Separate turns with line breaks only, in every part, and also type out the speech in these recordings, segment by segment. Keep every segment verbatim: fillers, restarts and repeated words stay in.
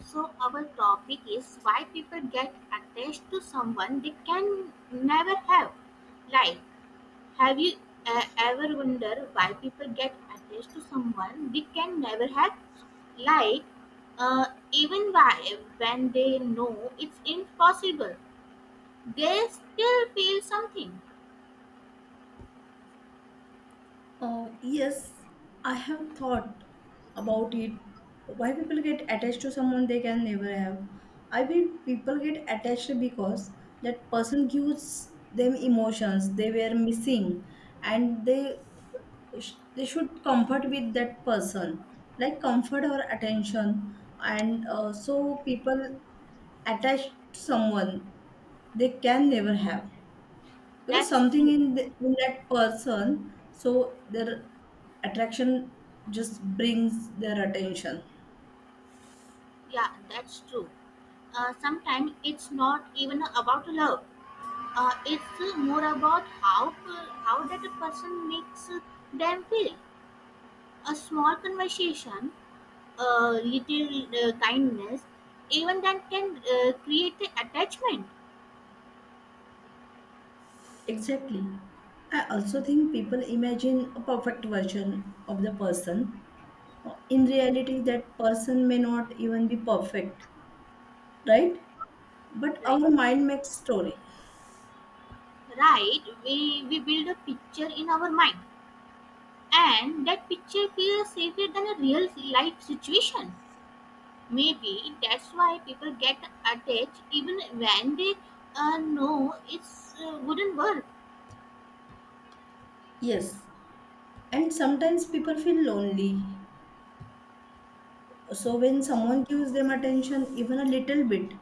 So our topic is why people get attached to someone they can never have. Like, have you uh, ever wondered why people get attached to someone they can never have? Like, uh, even why when they know it's impossible, they still feel something.
Uh, yes, I have thought about it. Why people get attached to someone they can never have? I mean, people get attached because that person gives them emotions they were missing, and they sh- they should comfort with that person, like comfort or attention. And uh, so people attach to someone they can never have. Because
That's
something
true.
in, the, in that person, so their attraction just brings their attention.
Yeah, that's true. Uh, sometimes it's not even about love. Uh, it's uh, more about how per- how that a person makes uh, them feel. A small conversation, a little uh, kindness, even that can uh, create a attachment.
Exactly. I also think people imagine a perfect version of the person. In reality, that person may not even be perfect, right? But
Right,
our mind makes story.
right. We we build a picture in our mind, and that picture feels safer than a real life situation. Maybe that's why people get attached even when they uh, know it's uh, wouldn't work.
Yes. And sometimes people feel lonely. So when someone gives them attention, even a little bit,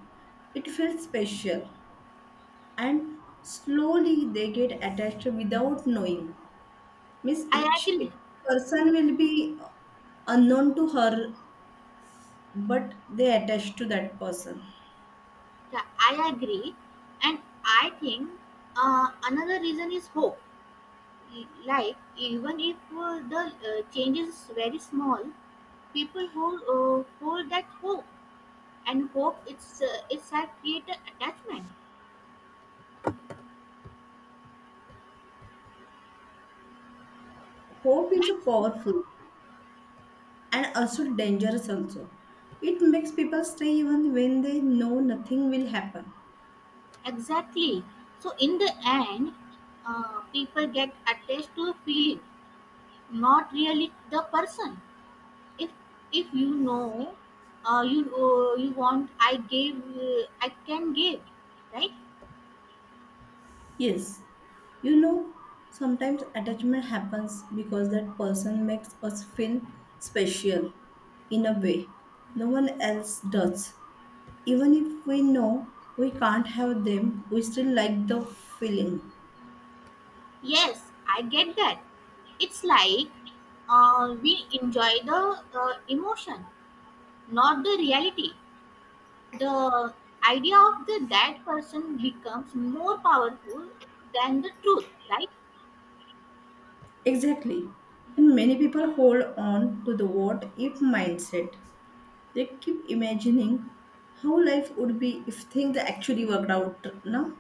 it feels special. And slowly they get attached without knowing means
I
each
agree.
it, person will be uh, unknown to her but they attach to that person.
Yeah, I agree, and I think uh, another reason is hope. E- Like even if uh, the uh, change is very small, people hold uh, hold that hope, and hope it's uh, it's a creator attachment.
Hope is
That's
a
true.
powerful and also dangerous also. It makes people stay even when they know nothing will happen.
Exactly. So in the end, uh, people get attached to a feeling, not really the person. If if you know, uh, you uh, you want, I gave, uh, I can give, right?
Yes, you know sometimes attachment happens because that person makes us feel special in a way no one else does. Even if we know we can't have them, we still like the feeling.
Yes, I get that. It's like uh, we enjoy the uh, emotion, not the reality. The idea of the that person becomes more powerful than the truth, right?
Exactly. And many people hold on to the what if mindset. They keep imagining how life would be if things actually worked out, no?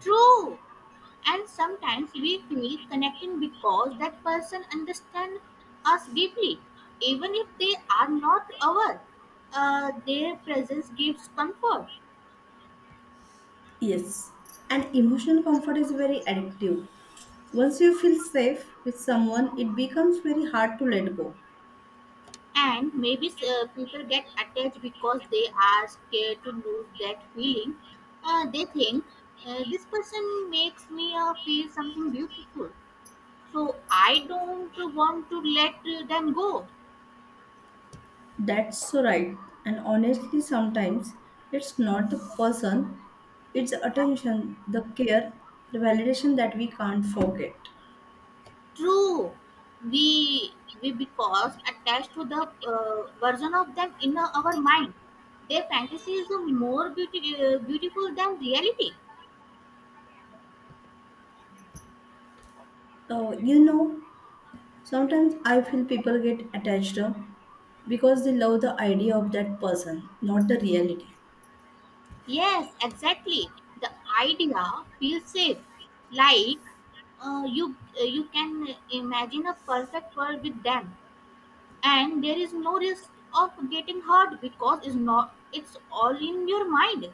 True. And sometimes we feel connecting because that person understands us deeply, even if they are not our. Uh, their presence gives comfort.
Yes. And emotional comfort is very addictive. Once you feel safe with someone, it becomes very hard to let go.
And maybe uh, people get attached because they are scared to lose that feeling. Uh, they think uh, this person makes me uh, feel something beautiful, so I don't want to let uh, them go.
That's so right. And honestly, sometimes it's not the person, it's the attention, the care, the validation that we can't forget.
True. We we because attached to the uh, version of them in our mind. Their fantasy is more beauty, uh, beautiful than reality.
Uh, you know, sometimes I feel people get attached uh, because they love the idea of that person, not the reality.
Yes, exactly. The idea feels safe. Like uh, you uh, you can imagine a perfect world with them, and there is no risk of getting hurt because it's not it's all in your mind.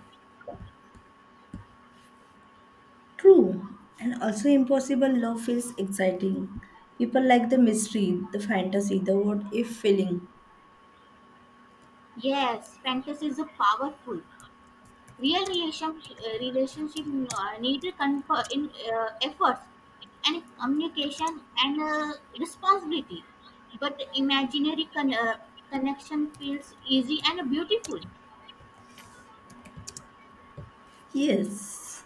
True, and also impossible love feels exciting. People like the mystery, the fantasy, the what if feeling.
Yes, fantasies are powerful. real relation, uh, relationship uh, need to confer in uh, efforts and communication and uh, responsibility, but imaginary con- uh, connection feels easy and beautiful.
Yes.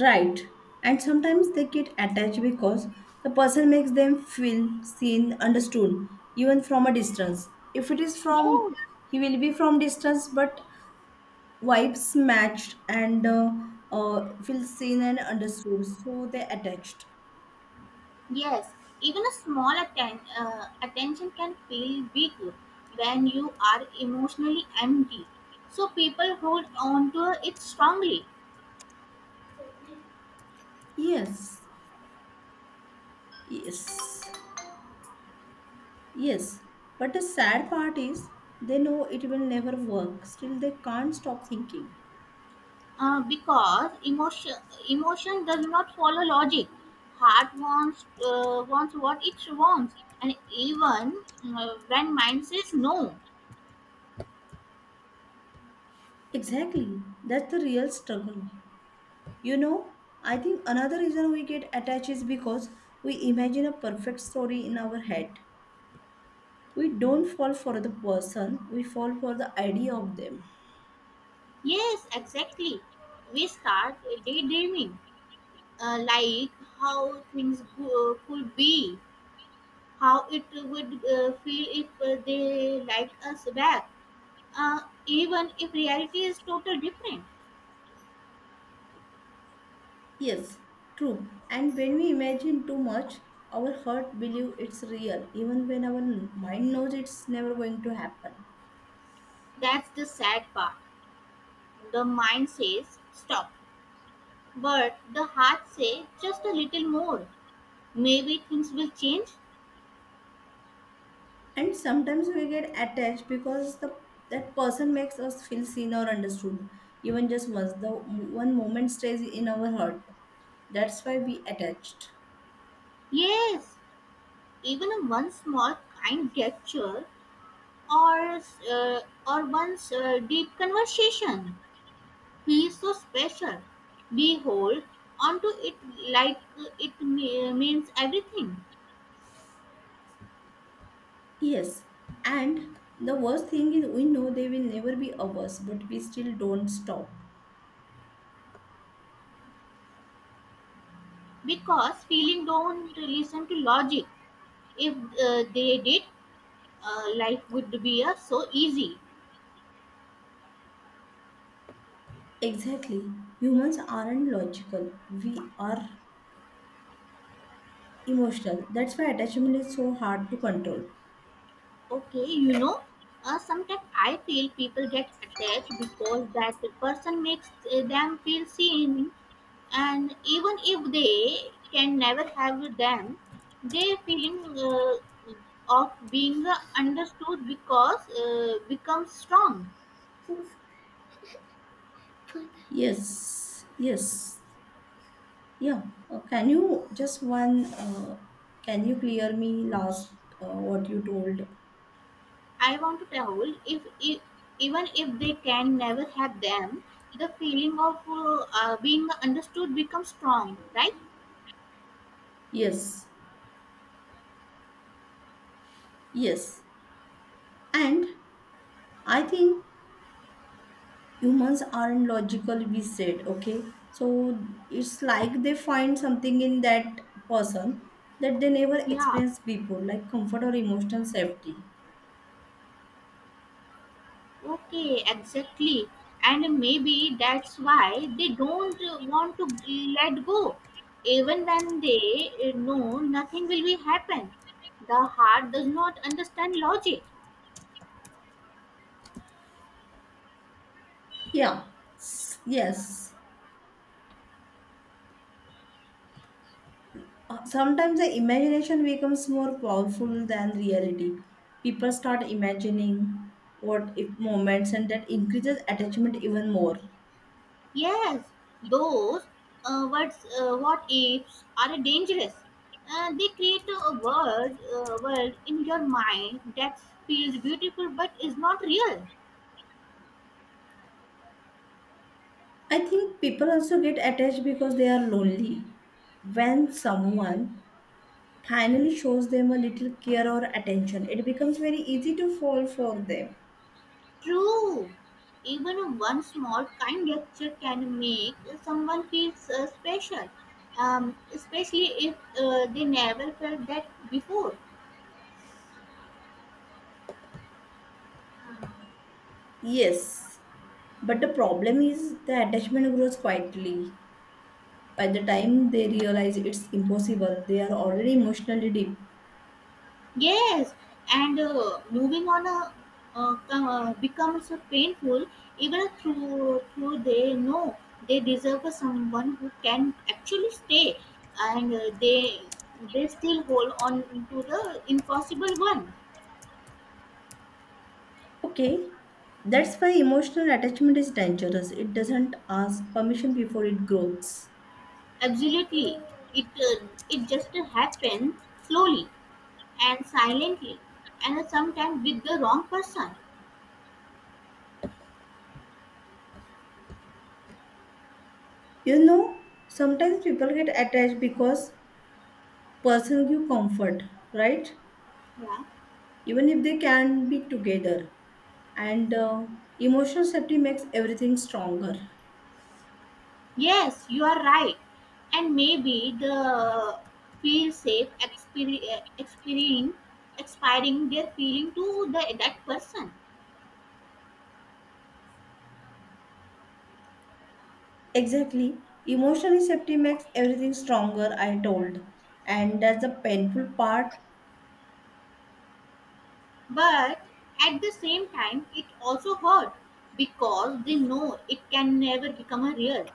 Right. And sometimes they get attached because the person makes them feel seen, understood, even from a distance. If it is from,
Yeah,
he will be from distance, but vibes matched and uh, uh, feel seen and understood. So they attached.
yes. Even a small atten- uh, attention can feel big when you are emotionally empty, so people hold on to it strongly.
Yes. Yes. Yes. But the sad part is they know it will never work. Still, they can't stop thinking.
Uh, because emotion emotion does not follow logic. Heart wants uh, wants what it wants, and even uh, when mind says no.
Exactly. That's the real struggle. You know, I think another reason we get attached is because we imagine a perfect story in our head. We don't fall for the person, we fall for the idea of them.
Yes, exactly. We start daydreaming, uh, like how things go, could be, how it would uh, feel if uh, they liked us back, uh, even if reality is totally different.
Yes, true. And when we imagine too much, our heart believes it's real, even when our mind knows it's never going to happen.
That's the sad part. The mind says stop, but the hearts say just a little more. Maybe things will change.
And sometimes we get attached because the that person makes us feel seen or understood, even just once. The one moment stays in our heart. That's why we attached.
Yes, even a one small kind gesture or uh, or one's uh, deep conversation. He is so special. We hold onto it like it me- means everything.
Yes, and the worst thing is we know they will never be ours, but we still don't stop.
Because feeling don't listen to logic. If uh, they did, uh, life would be uh, so easy.
Exactly. Humans aren't logical, we are emotional. That's why attachment is so hard to control.
Okay, you know, uh, sometimes I feel people get attached because that person makes uh, them feel seen, and even if they can never have them, their feeling uh, of being uh, understood because uh, becomes strong.
Yes, yes. Yeah. Uh, can you just one, uh, can you clear me last uh, what you told?
I want to tell if, if even if they can never have them, the feeling of uh, uh, being understood becomes strong, right?
Yes, yes. And I think humans aren't logical, we said okay. So it's like they find something in that person that they never
Yeah.
experienced before, like comfort or emotional safety.
Okay, exactly. And maybe that's why they don't uh, want to let go. Even when they uh, know nothing will be happen. The heart does not understand logic.
Yeah. S- yes. Uh, sometimes the imagination becomes more powerful than reality. People start imagining what if moments and that increases attachment even more.
Yes, those uh, words, uh, what ifs are dangerous. Uh, they create a world, uh, world in your mind that feels beautiful but is not real.
I think people also get attached because they are lonely. When someone finally shows them a little care or attention, it becomes very easy to fall for them.
True. Even one small kind gesture can make someone feel uh, special, um, especially if uh, they never felt that before.
Yes, but the problem is the attachment grows quietly. By the time they realize it's impossible, they are already emotionally deep.
Yes, and uh, moving on a, uh, com- uh, becomes so painful, even through through they know they deserve someone who can actually stay, and uh, they they still hold on to the impossible one.
Okay, that's why emotional attachment is dangerous. It doesn't ask permission before it grows.
Absolutely. It uh, it just happens slowly and silently, and sometimes with the wrong person.
You know, sometimes people get attached because person give comfort, right?
Yeah.
Even if they can be together. and uh, emotional safety makes everything stronger.
Yes, you are right. And maybe the feel safe expiring, expiring, expiring their feeling to the that person.
Exactly, emotional safety makes everything stronger, I told, and that's the painful part.
But at the same time, it also hurt because they know it can never become a real.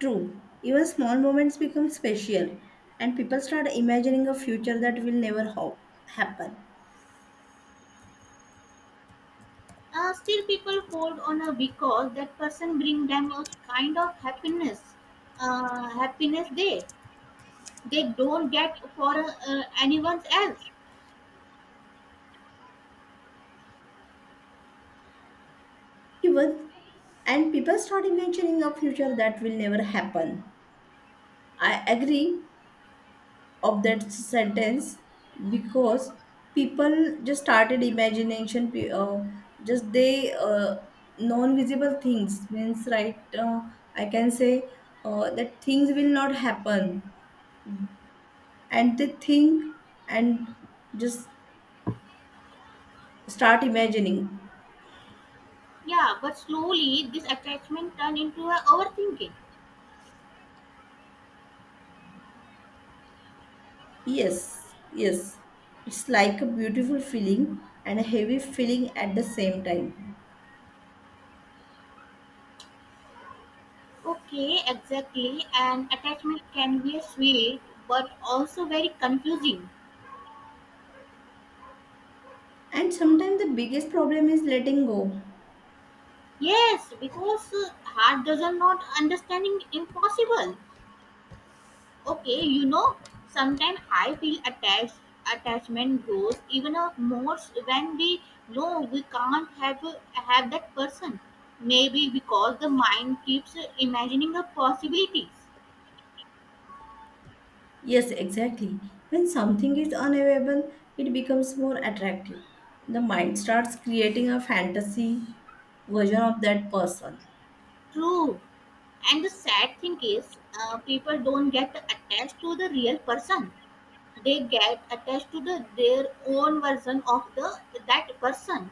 True, even small moments become special and people start imagining a future that will never ho- happen.
Uh, still, people hold on her because that person bring them a kind of happiness, uh, happiness they they don't get for uh, anyone else.
Even and people start imagining a future that will never happen. I agree of that sentence because people just started imagination pe- uh, just they uh, non-visible things means right uh, I can say uh, that things will not happen and they think and just start imagining.
Yeah, but slowly this attachment turn into a overthinking.
Yes, yes. It's like a beautiful feeling and a heavy feeling at the same time.
Okay, exactly. And attachment can be a sweet, but also very confusing.
And sometimes the biggest problem is letting go.
Yes, because uh, heart doesn't not understanding impossible. Okay, you know, sometimes I feel attached attachment grows even a more s- when we know we can't have have that person. Maybe because the mind keeps imagining the possibilities.
Yes, exactly. When something is unavailable, it becomes more attractive. The mind starts creating a fantasy version of that person.
True. And the sad thing is, uh, people don't get attached to the real person. They get attached to the their own version of the that person.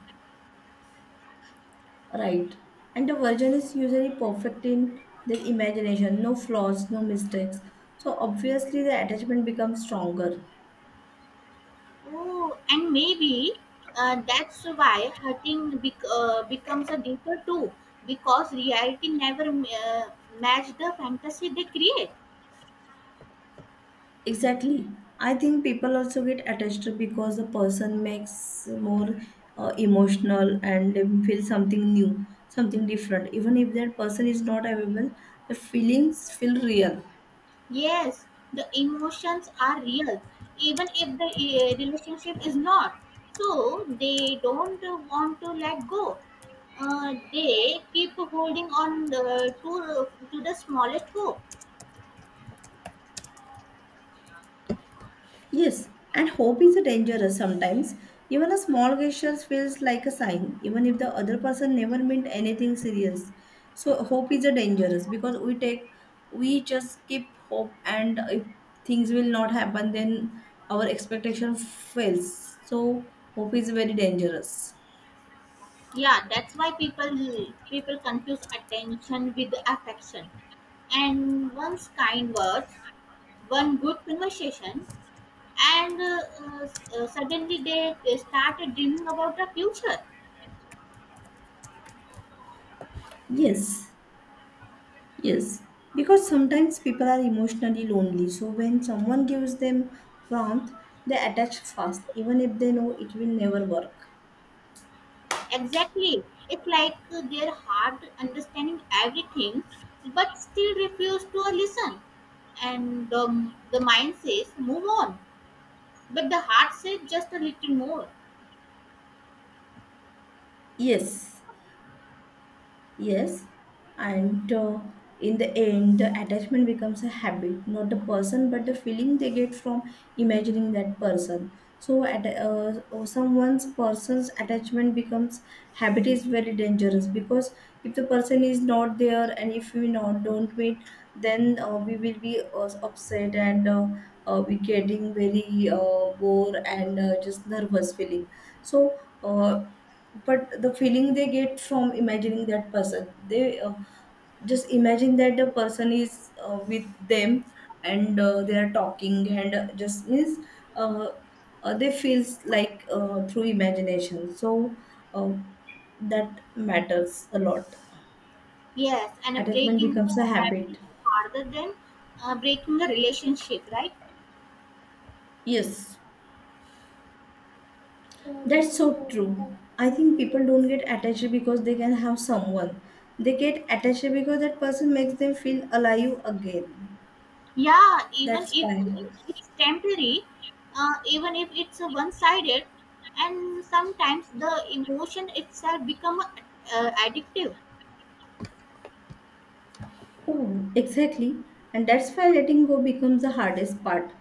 Right. And the version is usually perfect in their imagination, no flaws, no mistakes. So obviously the attachment becomes stronger.
Oh, and maybe uh, that's why hurting bec- uh, becomes a deeper too, because reality never uh, match the fantasy they create.
Exactly. I think people also get attached because the person makes more uh, emotional and they feel something new, something different. Even if that person is not available, the feelings feel real.
Yes, the emotions are real, even if the uh, relationship is not. So they don't want to let go. Uh, they keep holding on uh, to to the smallest hope.
Yes, and hope is dangerous sometimes. Even a small gesture feels like a sign, even if the other person never meant anything serious. So hope is a dangerous because we take, we just keep hope, and if things will not happen, then our expectation fails. So hope is very dangerous.
Yeah, that's why people people confuse attention with affection. And one's kind words, one good conversation, and uh, uh, s- uh, suddenly they, they started dreaming about the future.
Yes, yes. Because sometimes people are emotionally lonely. So when someone gives them warmth, they attach fast, even if they know it will never work.
Exactly. It's like uh, their heart understanding everything, but still refuse to listen. And the, the mind says, move on. But the heart says, just a little more.
Yes, yes. And uh, in the end, the attachment becomes a habit, not the person, but the feeling they get from imagining that person. So, at uh, uh, someone's person's attachment becomes habit is very dangerous because if the person is not there and if we not don't meet, then uh, we will be uh, upset and uh, uh, we getting very uh, bored and uh, just nervous feeling. So. Uh, but the feeling they get from imagining that person they uh, just imagine that the person is uh, with them and uh, they are talking and uh, just means uh, uh, they feels like uh, through imagination so uh, that matters a lot.
Yes, and a
Attachment
breaking the
becomes a
habit
habit.
is harder than uh, breaking the relationship, right?
Yes, that's so true. I think people don't get attached because they can have someone. They get attached because that person makes them feel alive again.
Yeah, even
That's
if
why,
it's temporary, uh, even if it's one sided, and sometimes the emotion itself become uh, addictive.
oh, exactly. And that's why letting go becomes the hardest part.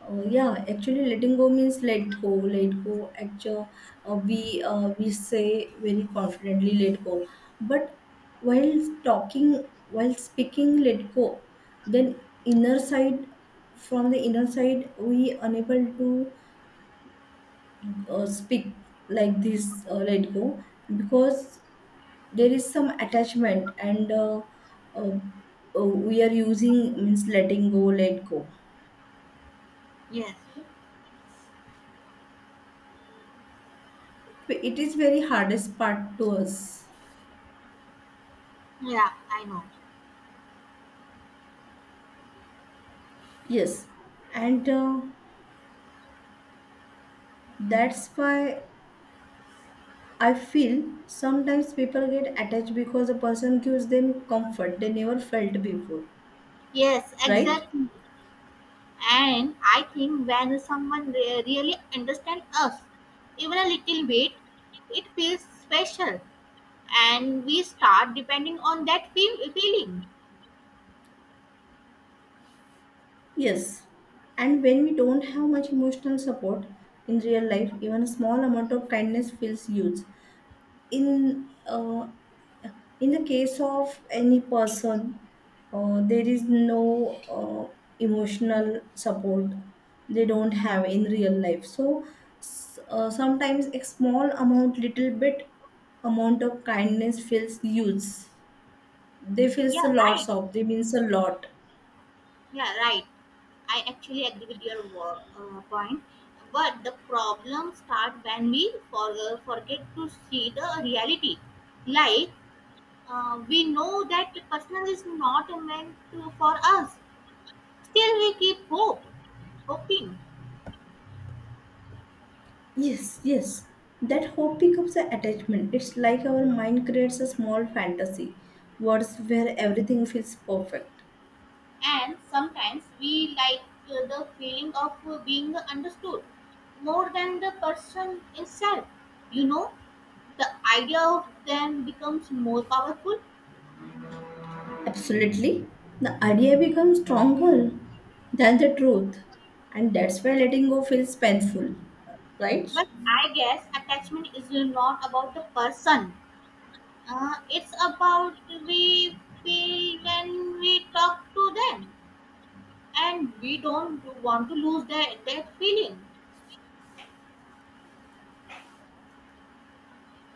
Uh, yeah, actually, letting go means let go, let go. Actually, uh, we uh, we say very confidently let go, but while talking, while speaking, let go. Then inner side, from the inner side, we unable to uh, speak like this. Uh, let go because there is some attachment and uh, uh, uh, we are using means letting go, let go.
Yes.
It is very hardest part to us.
Yeah, I know.
Yes, and uh, that's why I feel sometimes people get attached because a person gives them comfort they never felt before,
Yes,
right?
exactly. And I think when someone re- really understands us, even a little bit, it feels special, and we start depending on that feel- feeling.
Yes, and when we don't have much emotional support in real life, even a small amount of kindness feels huge. In uh, in the case of any person uh, there is no uh, emotional support they don't have in real life. So s- uh, sometimes a small amount, little bit amount of kindness feels huge. They
Yeah,
feels a lot
right.
of, they means a lot.
Yeah, right. I actually agree with your wo- uh, point, but the problem start when we for- uh, forget to see the reality. Like uh, we know that the personal is not meant to, for us. Still, we keep hope, hoping,
Yes, yes. That hope becomes an attachment. It's like our mind creates a small fantasy, words where everything feels perfect.
and sometimes we like uh, the feeling of uh, being understood more than the person itself. You know, the idea of them becomes more powerful.
Absolutely. The idea becomes stronger than the truth, and that's why letting go feels painful, right?
But I guess attachment is not about the person. Uh, it's about we feel when we talk to them, and we don't want to lose that that feeling.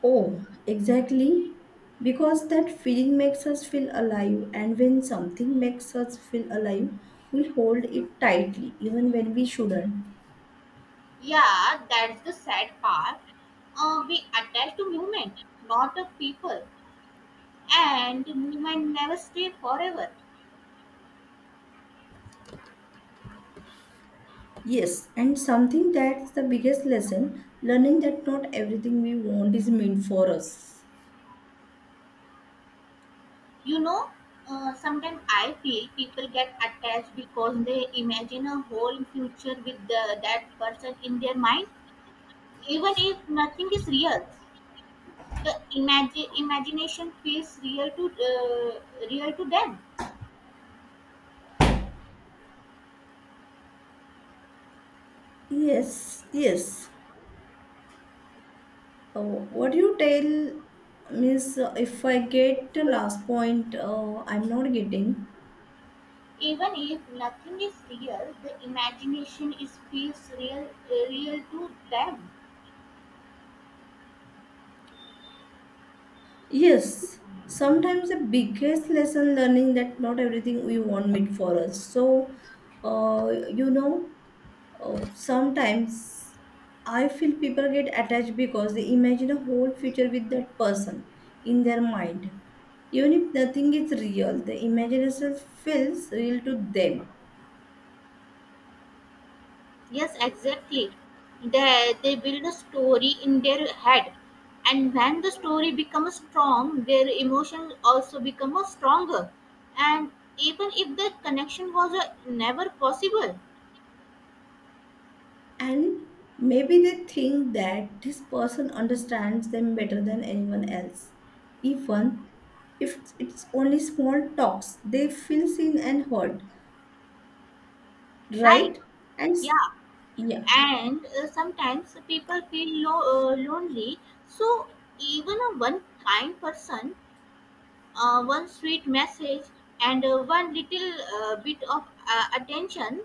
Oh, exactly. Because that feeling makes us feel alive, and when something makes us feel alive, we hold it tightly even when we shouldn't.
Yeah, that's the sad part. Uh, we attach to movement, not the people, and the movement never stay forever.
Yes, and something that's the biggest lesson learning that not everything we want is meant for us.
You know, uh, sometimes I feel people get attached because they imagine a whole future with the, that person in their mind. Even if nothing is real, the imagi- imagination feels real to uh, real to them.
Yes, yes. Oh, what do you tell, Miss? uh, If I get the last point, uh, I'm not getting.
Even if nothing is real, the imagination is feels real uh, real to them.
Yes, sometimes the biggest lesson learning that not everything we want meet for us. So, uh, you know, uh, sometimes I feel people get attached because they imagine a whole future with that person in their mind. Even if nothing is real, the imagination feels real to them.
Yes, exactly. They they build a story in their head, and when the story becomes strong, their emotions also become a stronger. And even if the connection was uh, never possible,
And maybe they think that this person understands them better than anyone else, even if it's only small talks they feel seen and heard,
right?
right? and s-
Yeah,
yeah.
and uh, sometimes people feel lo- uh, lonely, so even a one kind person, uh, one sweet message, and uh, one little uh, bit of uh, attention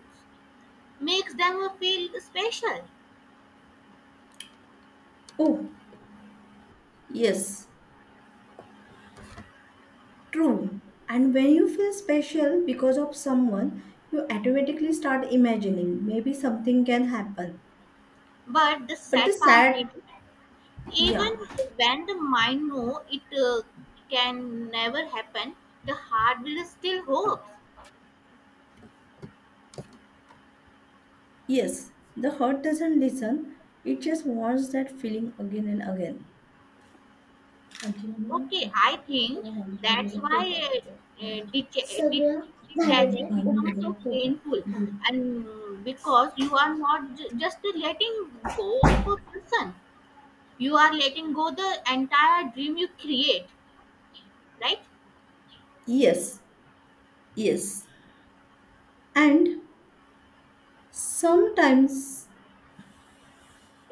makes them feel special.
Oh yes, true. And when you feel special because of someone you automatically start imagining maybe something can happen.
But the
But the
sad part is,
sad,
even
yeah,
when the mind know it uh, can never happen, the heart will still hopes.
yes, the heart doesn't listen, it just wants that feeling again and again.
Okay, I think that's why uh, uh, det- det- detaching
ठेवलेलं
becomes so
तो
painful,
करतो.
and mm, because you are not j- just letting go of a person, you are letting go the entire dream you create, right?
Yes, yes. And sometimes,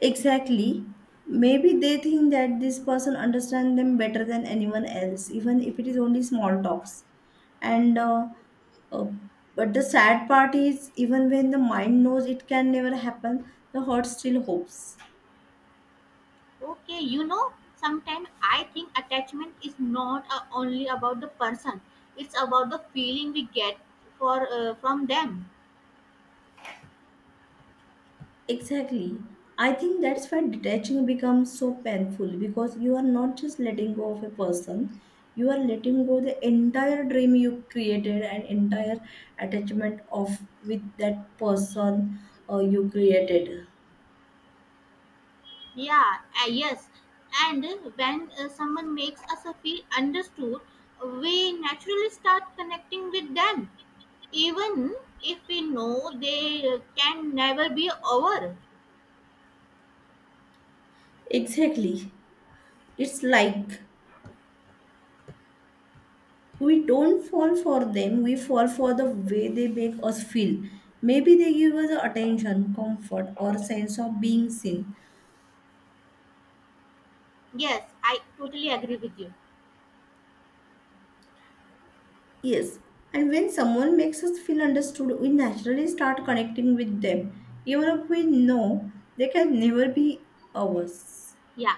exactly, maybe they think that this person understands them better than anyone else, even if it is only small talks. And uh, uh, but the sad part is, even when the mind knows it can never happen, the heart still hopes.
Okay, you know, sometimes I think attachment is not uh, only about the person; it's about the feeling we get for uh, from them.
Exactly. I think that's why detaching becomes so painful because you are not just letting go of a person, you are letting go the entire dream you created and entire attachment of with that person uh, you created.
Yeah, uh, yes. And uh, when uh, someone makes us uh, feel understood, we naturally start connecting with them, even if we know they uh, can never be over.
Exactly. It's like we don't fall for them, we fall for the way they make us feel. Maybe they give us attention, comfort, or sense of being seen.
Yes, I totally agree with you.
Yes, and when someone makes us feel understood, we naturally start connecting with them, even if we know they can never be ours.
Yeah,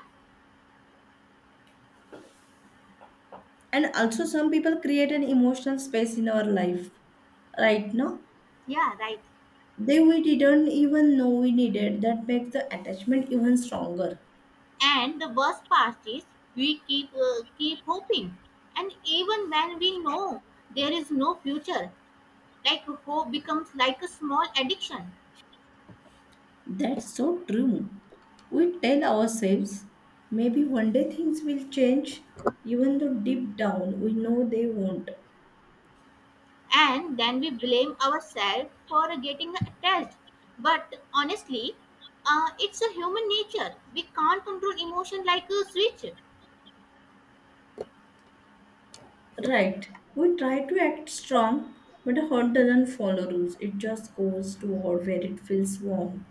And also, some people create an emotional space in our life, right? Now
yeah, right.
they we didn't even know we needed. That makes the attachment even stronger.
And the worst part is we keep uh, keep hoping, and even when we know there is no future, like hope becomes like a small addiction.
That's so true. We tell ourselves maybe one day things will change, even though deep down we know they won't.
And then we blame ourselves for getting attached, but honestly uh, it's a human nature, we can't control emotion like a switch.
Right. We try to act strong, but a heart doesn't follow rules. It just goes to war where it feels warm.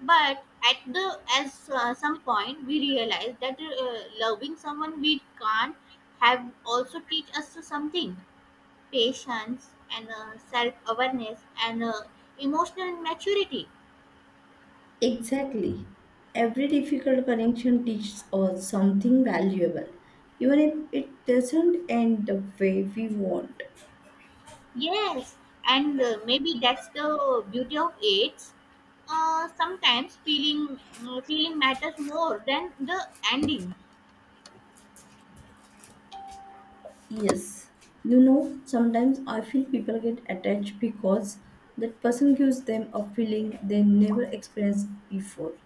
But at the as uh, some point we realize that uh, loving someone we can't have also teach us something, patience and uh, self awareness and uh, emotional maturity.
Exactly. Every difficult connection teaches us something valuable, even if it doesn't end the way we want.
Yes, and uh, maybe that's the beauty of it. Uh, sometimes feeling mm, feeling matters more than the ending.
Yes. You know, sometimes I feel people get attached because that person gives them a feeling they never experienced before.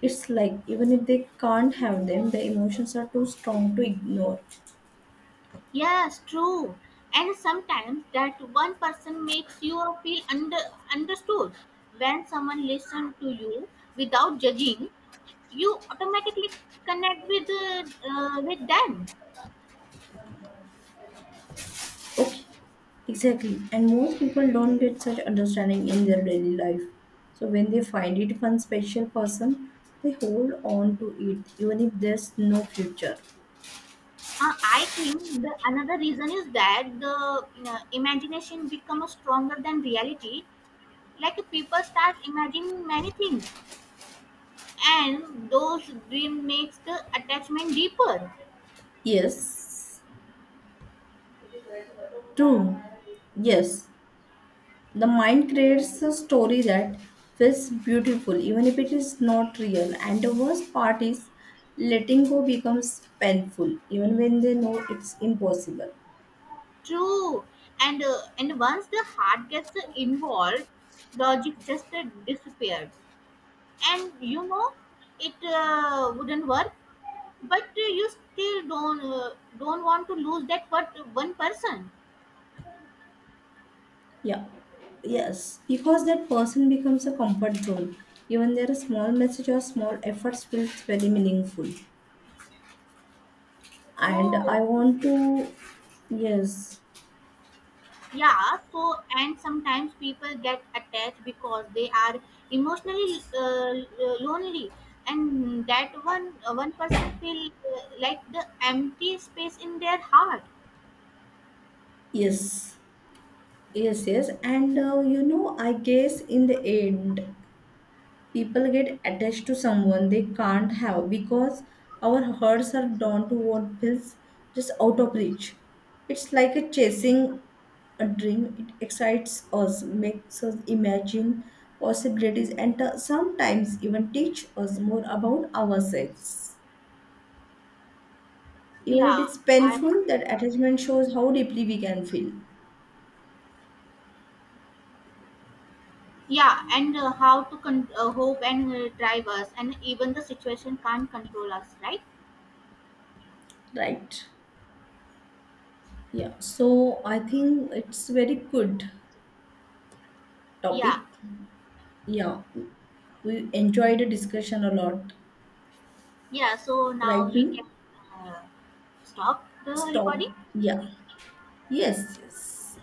It's like even if they can't have them, the emotions are too strong to ignore.
Yes, true. And sometimes that one person makes you feel under understood. When someone listens to you without judging, you automatically connect with uh, uh, with them.
Okay, exactly. And most people don't get such understanding in their daily life. So when they find it one special person, they hold on to it even if there's no future.
Uh, I think the another reason is that the uh, imagination becomes stronger than reality, like people start imagining many things, and those dream makes the attachment deeper.
Yes, true. Yes, the mind creates a story that feels beautiful even if it is not real. And the worst part is letting go becomes painful even when they know it's impossible.
True. And uh, and once the heart gets involved, logic just uh, disappeared, and you know it uh, wouldn't work, but uh, you still don't uh, don't want to lose that what one person.
Yeah. Yes. Because that person becomes a comfort zone. Even their small message or small efforts feels very meaningful. And
Oh,
I want
okay.
to, yes.
Yeah, so and sometimes people get attached because they are emotionally uh, lonely, and that one uh, one person feel uh, like the empty space in their heart.
Yes. Yes, yes. And uh, you know, I guess in the end people get attached to someone they can't have because our hearts are drawn to what feels just out of reach. It's like a chasing a dream. It excites us, makes us imagine possibilities, and uh, sometimes even teach us more about ourselves. Even it
yeah
is
i
painful, that attachment shows how deeply we can feel.
yeah and uh, how to con- uh, hope and uh, drive us, and even the situation can't control us, right?
Right. Yeah. So I think it's very good
Yeah.
topic. Yeah, we enjoyed the discussion a lot.
Yeah, so
Right?
now we can uh, stop the
Stop.
recording.
Yeah. Yes, yes.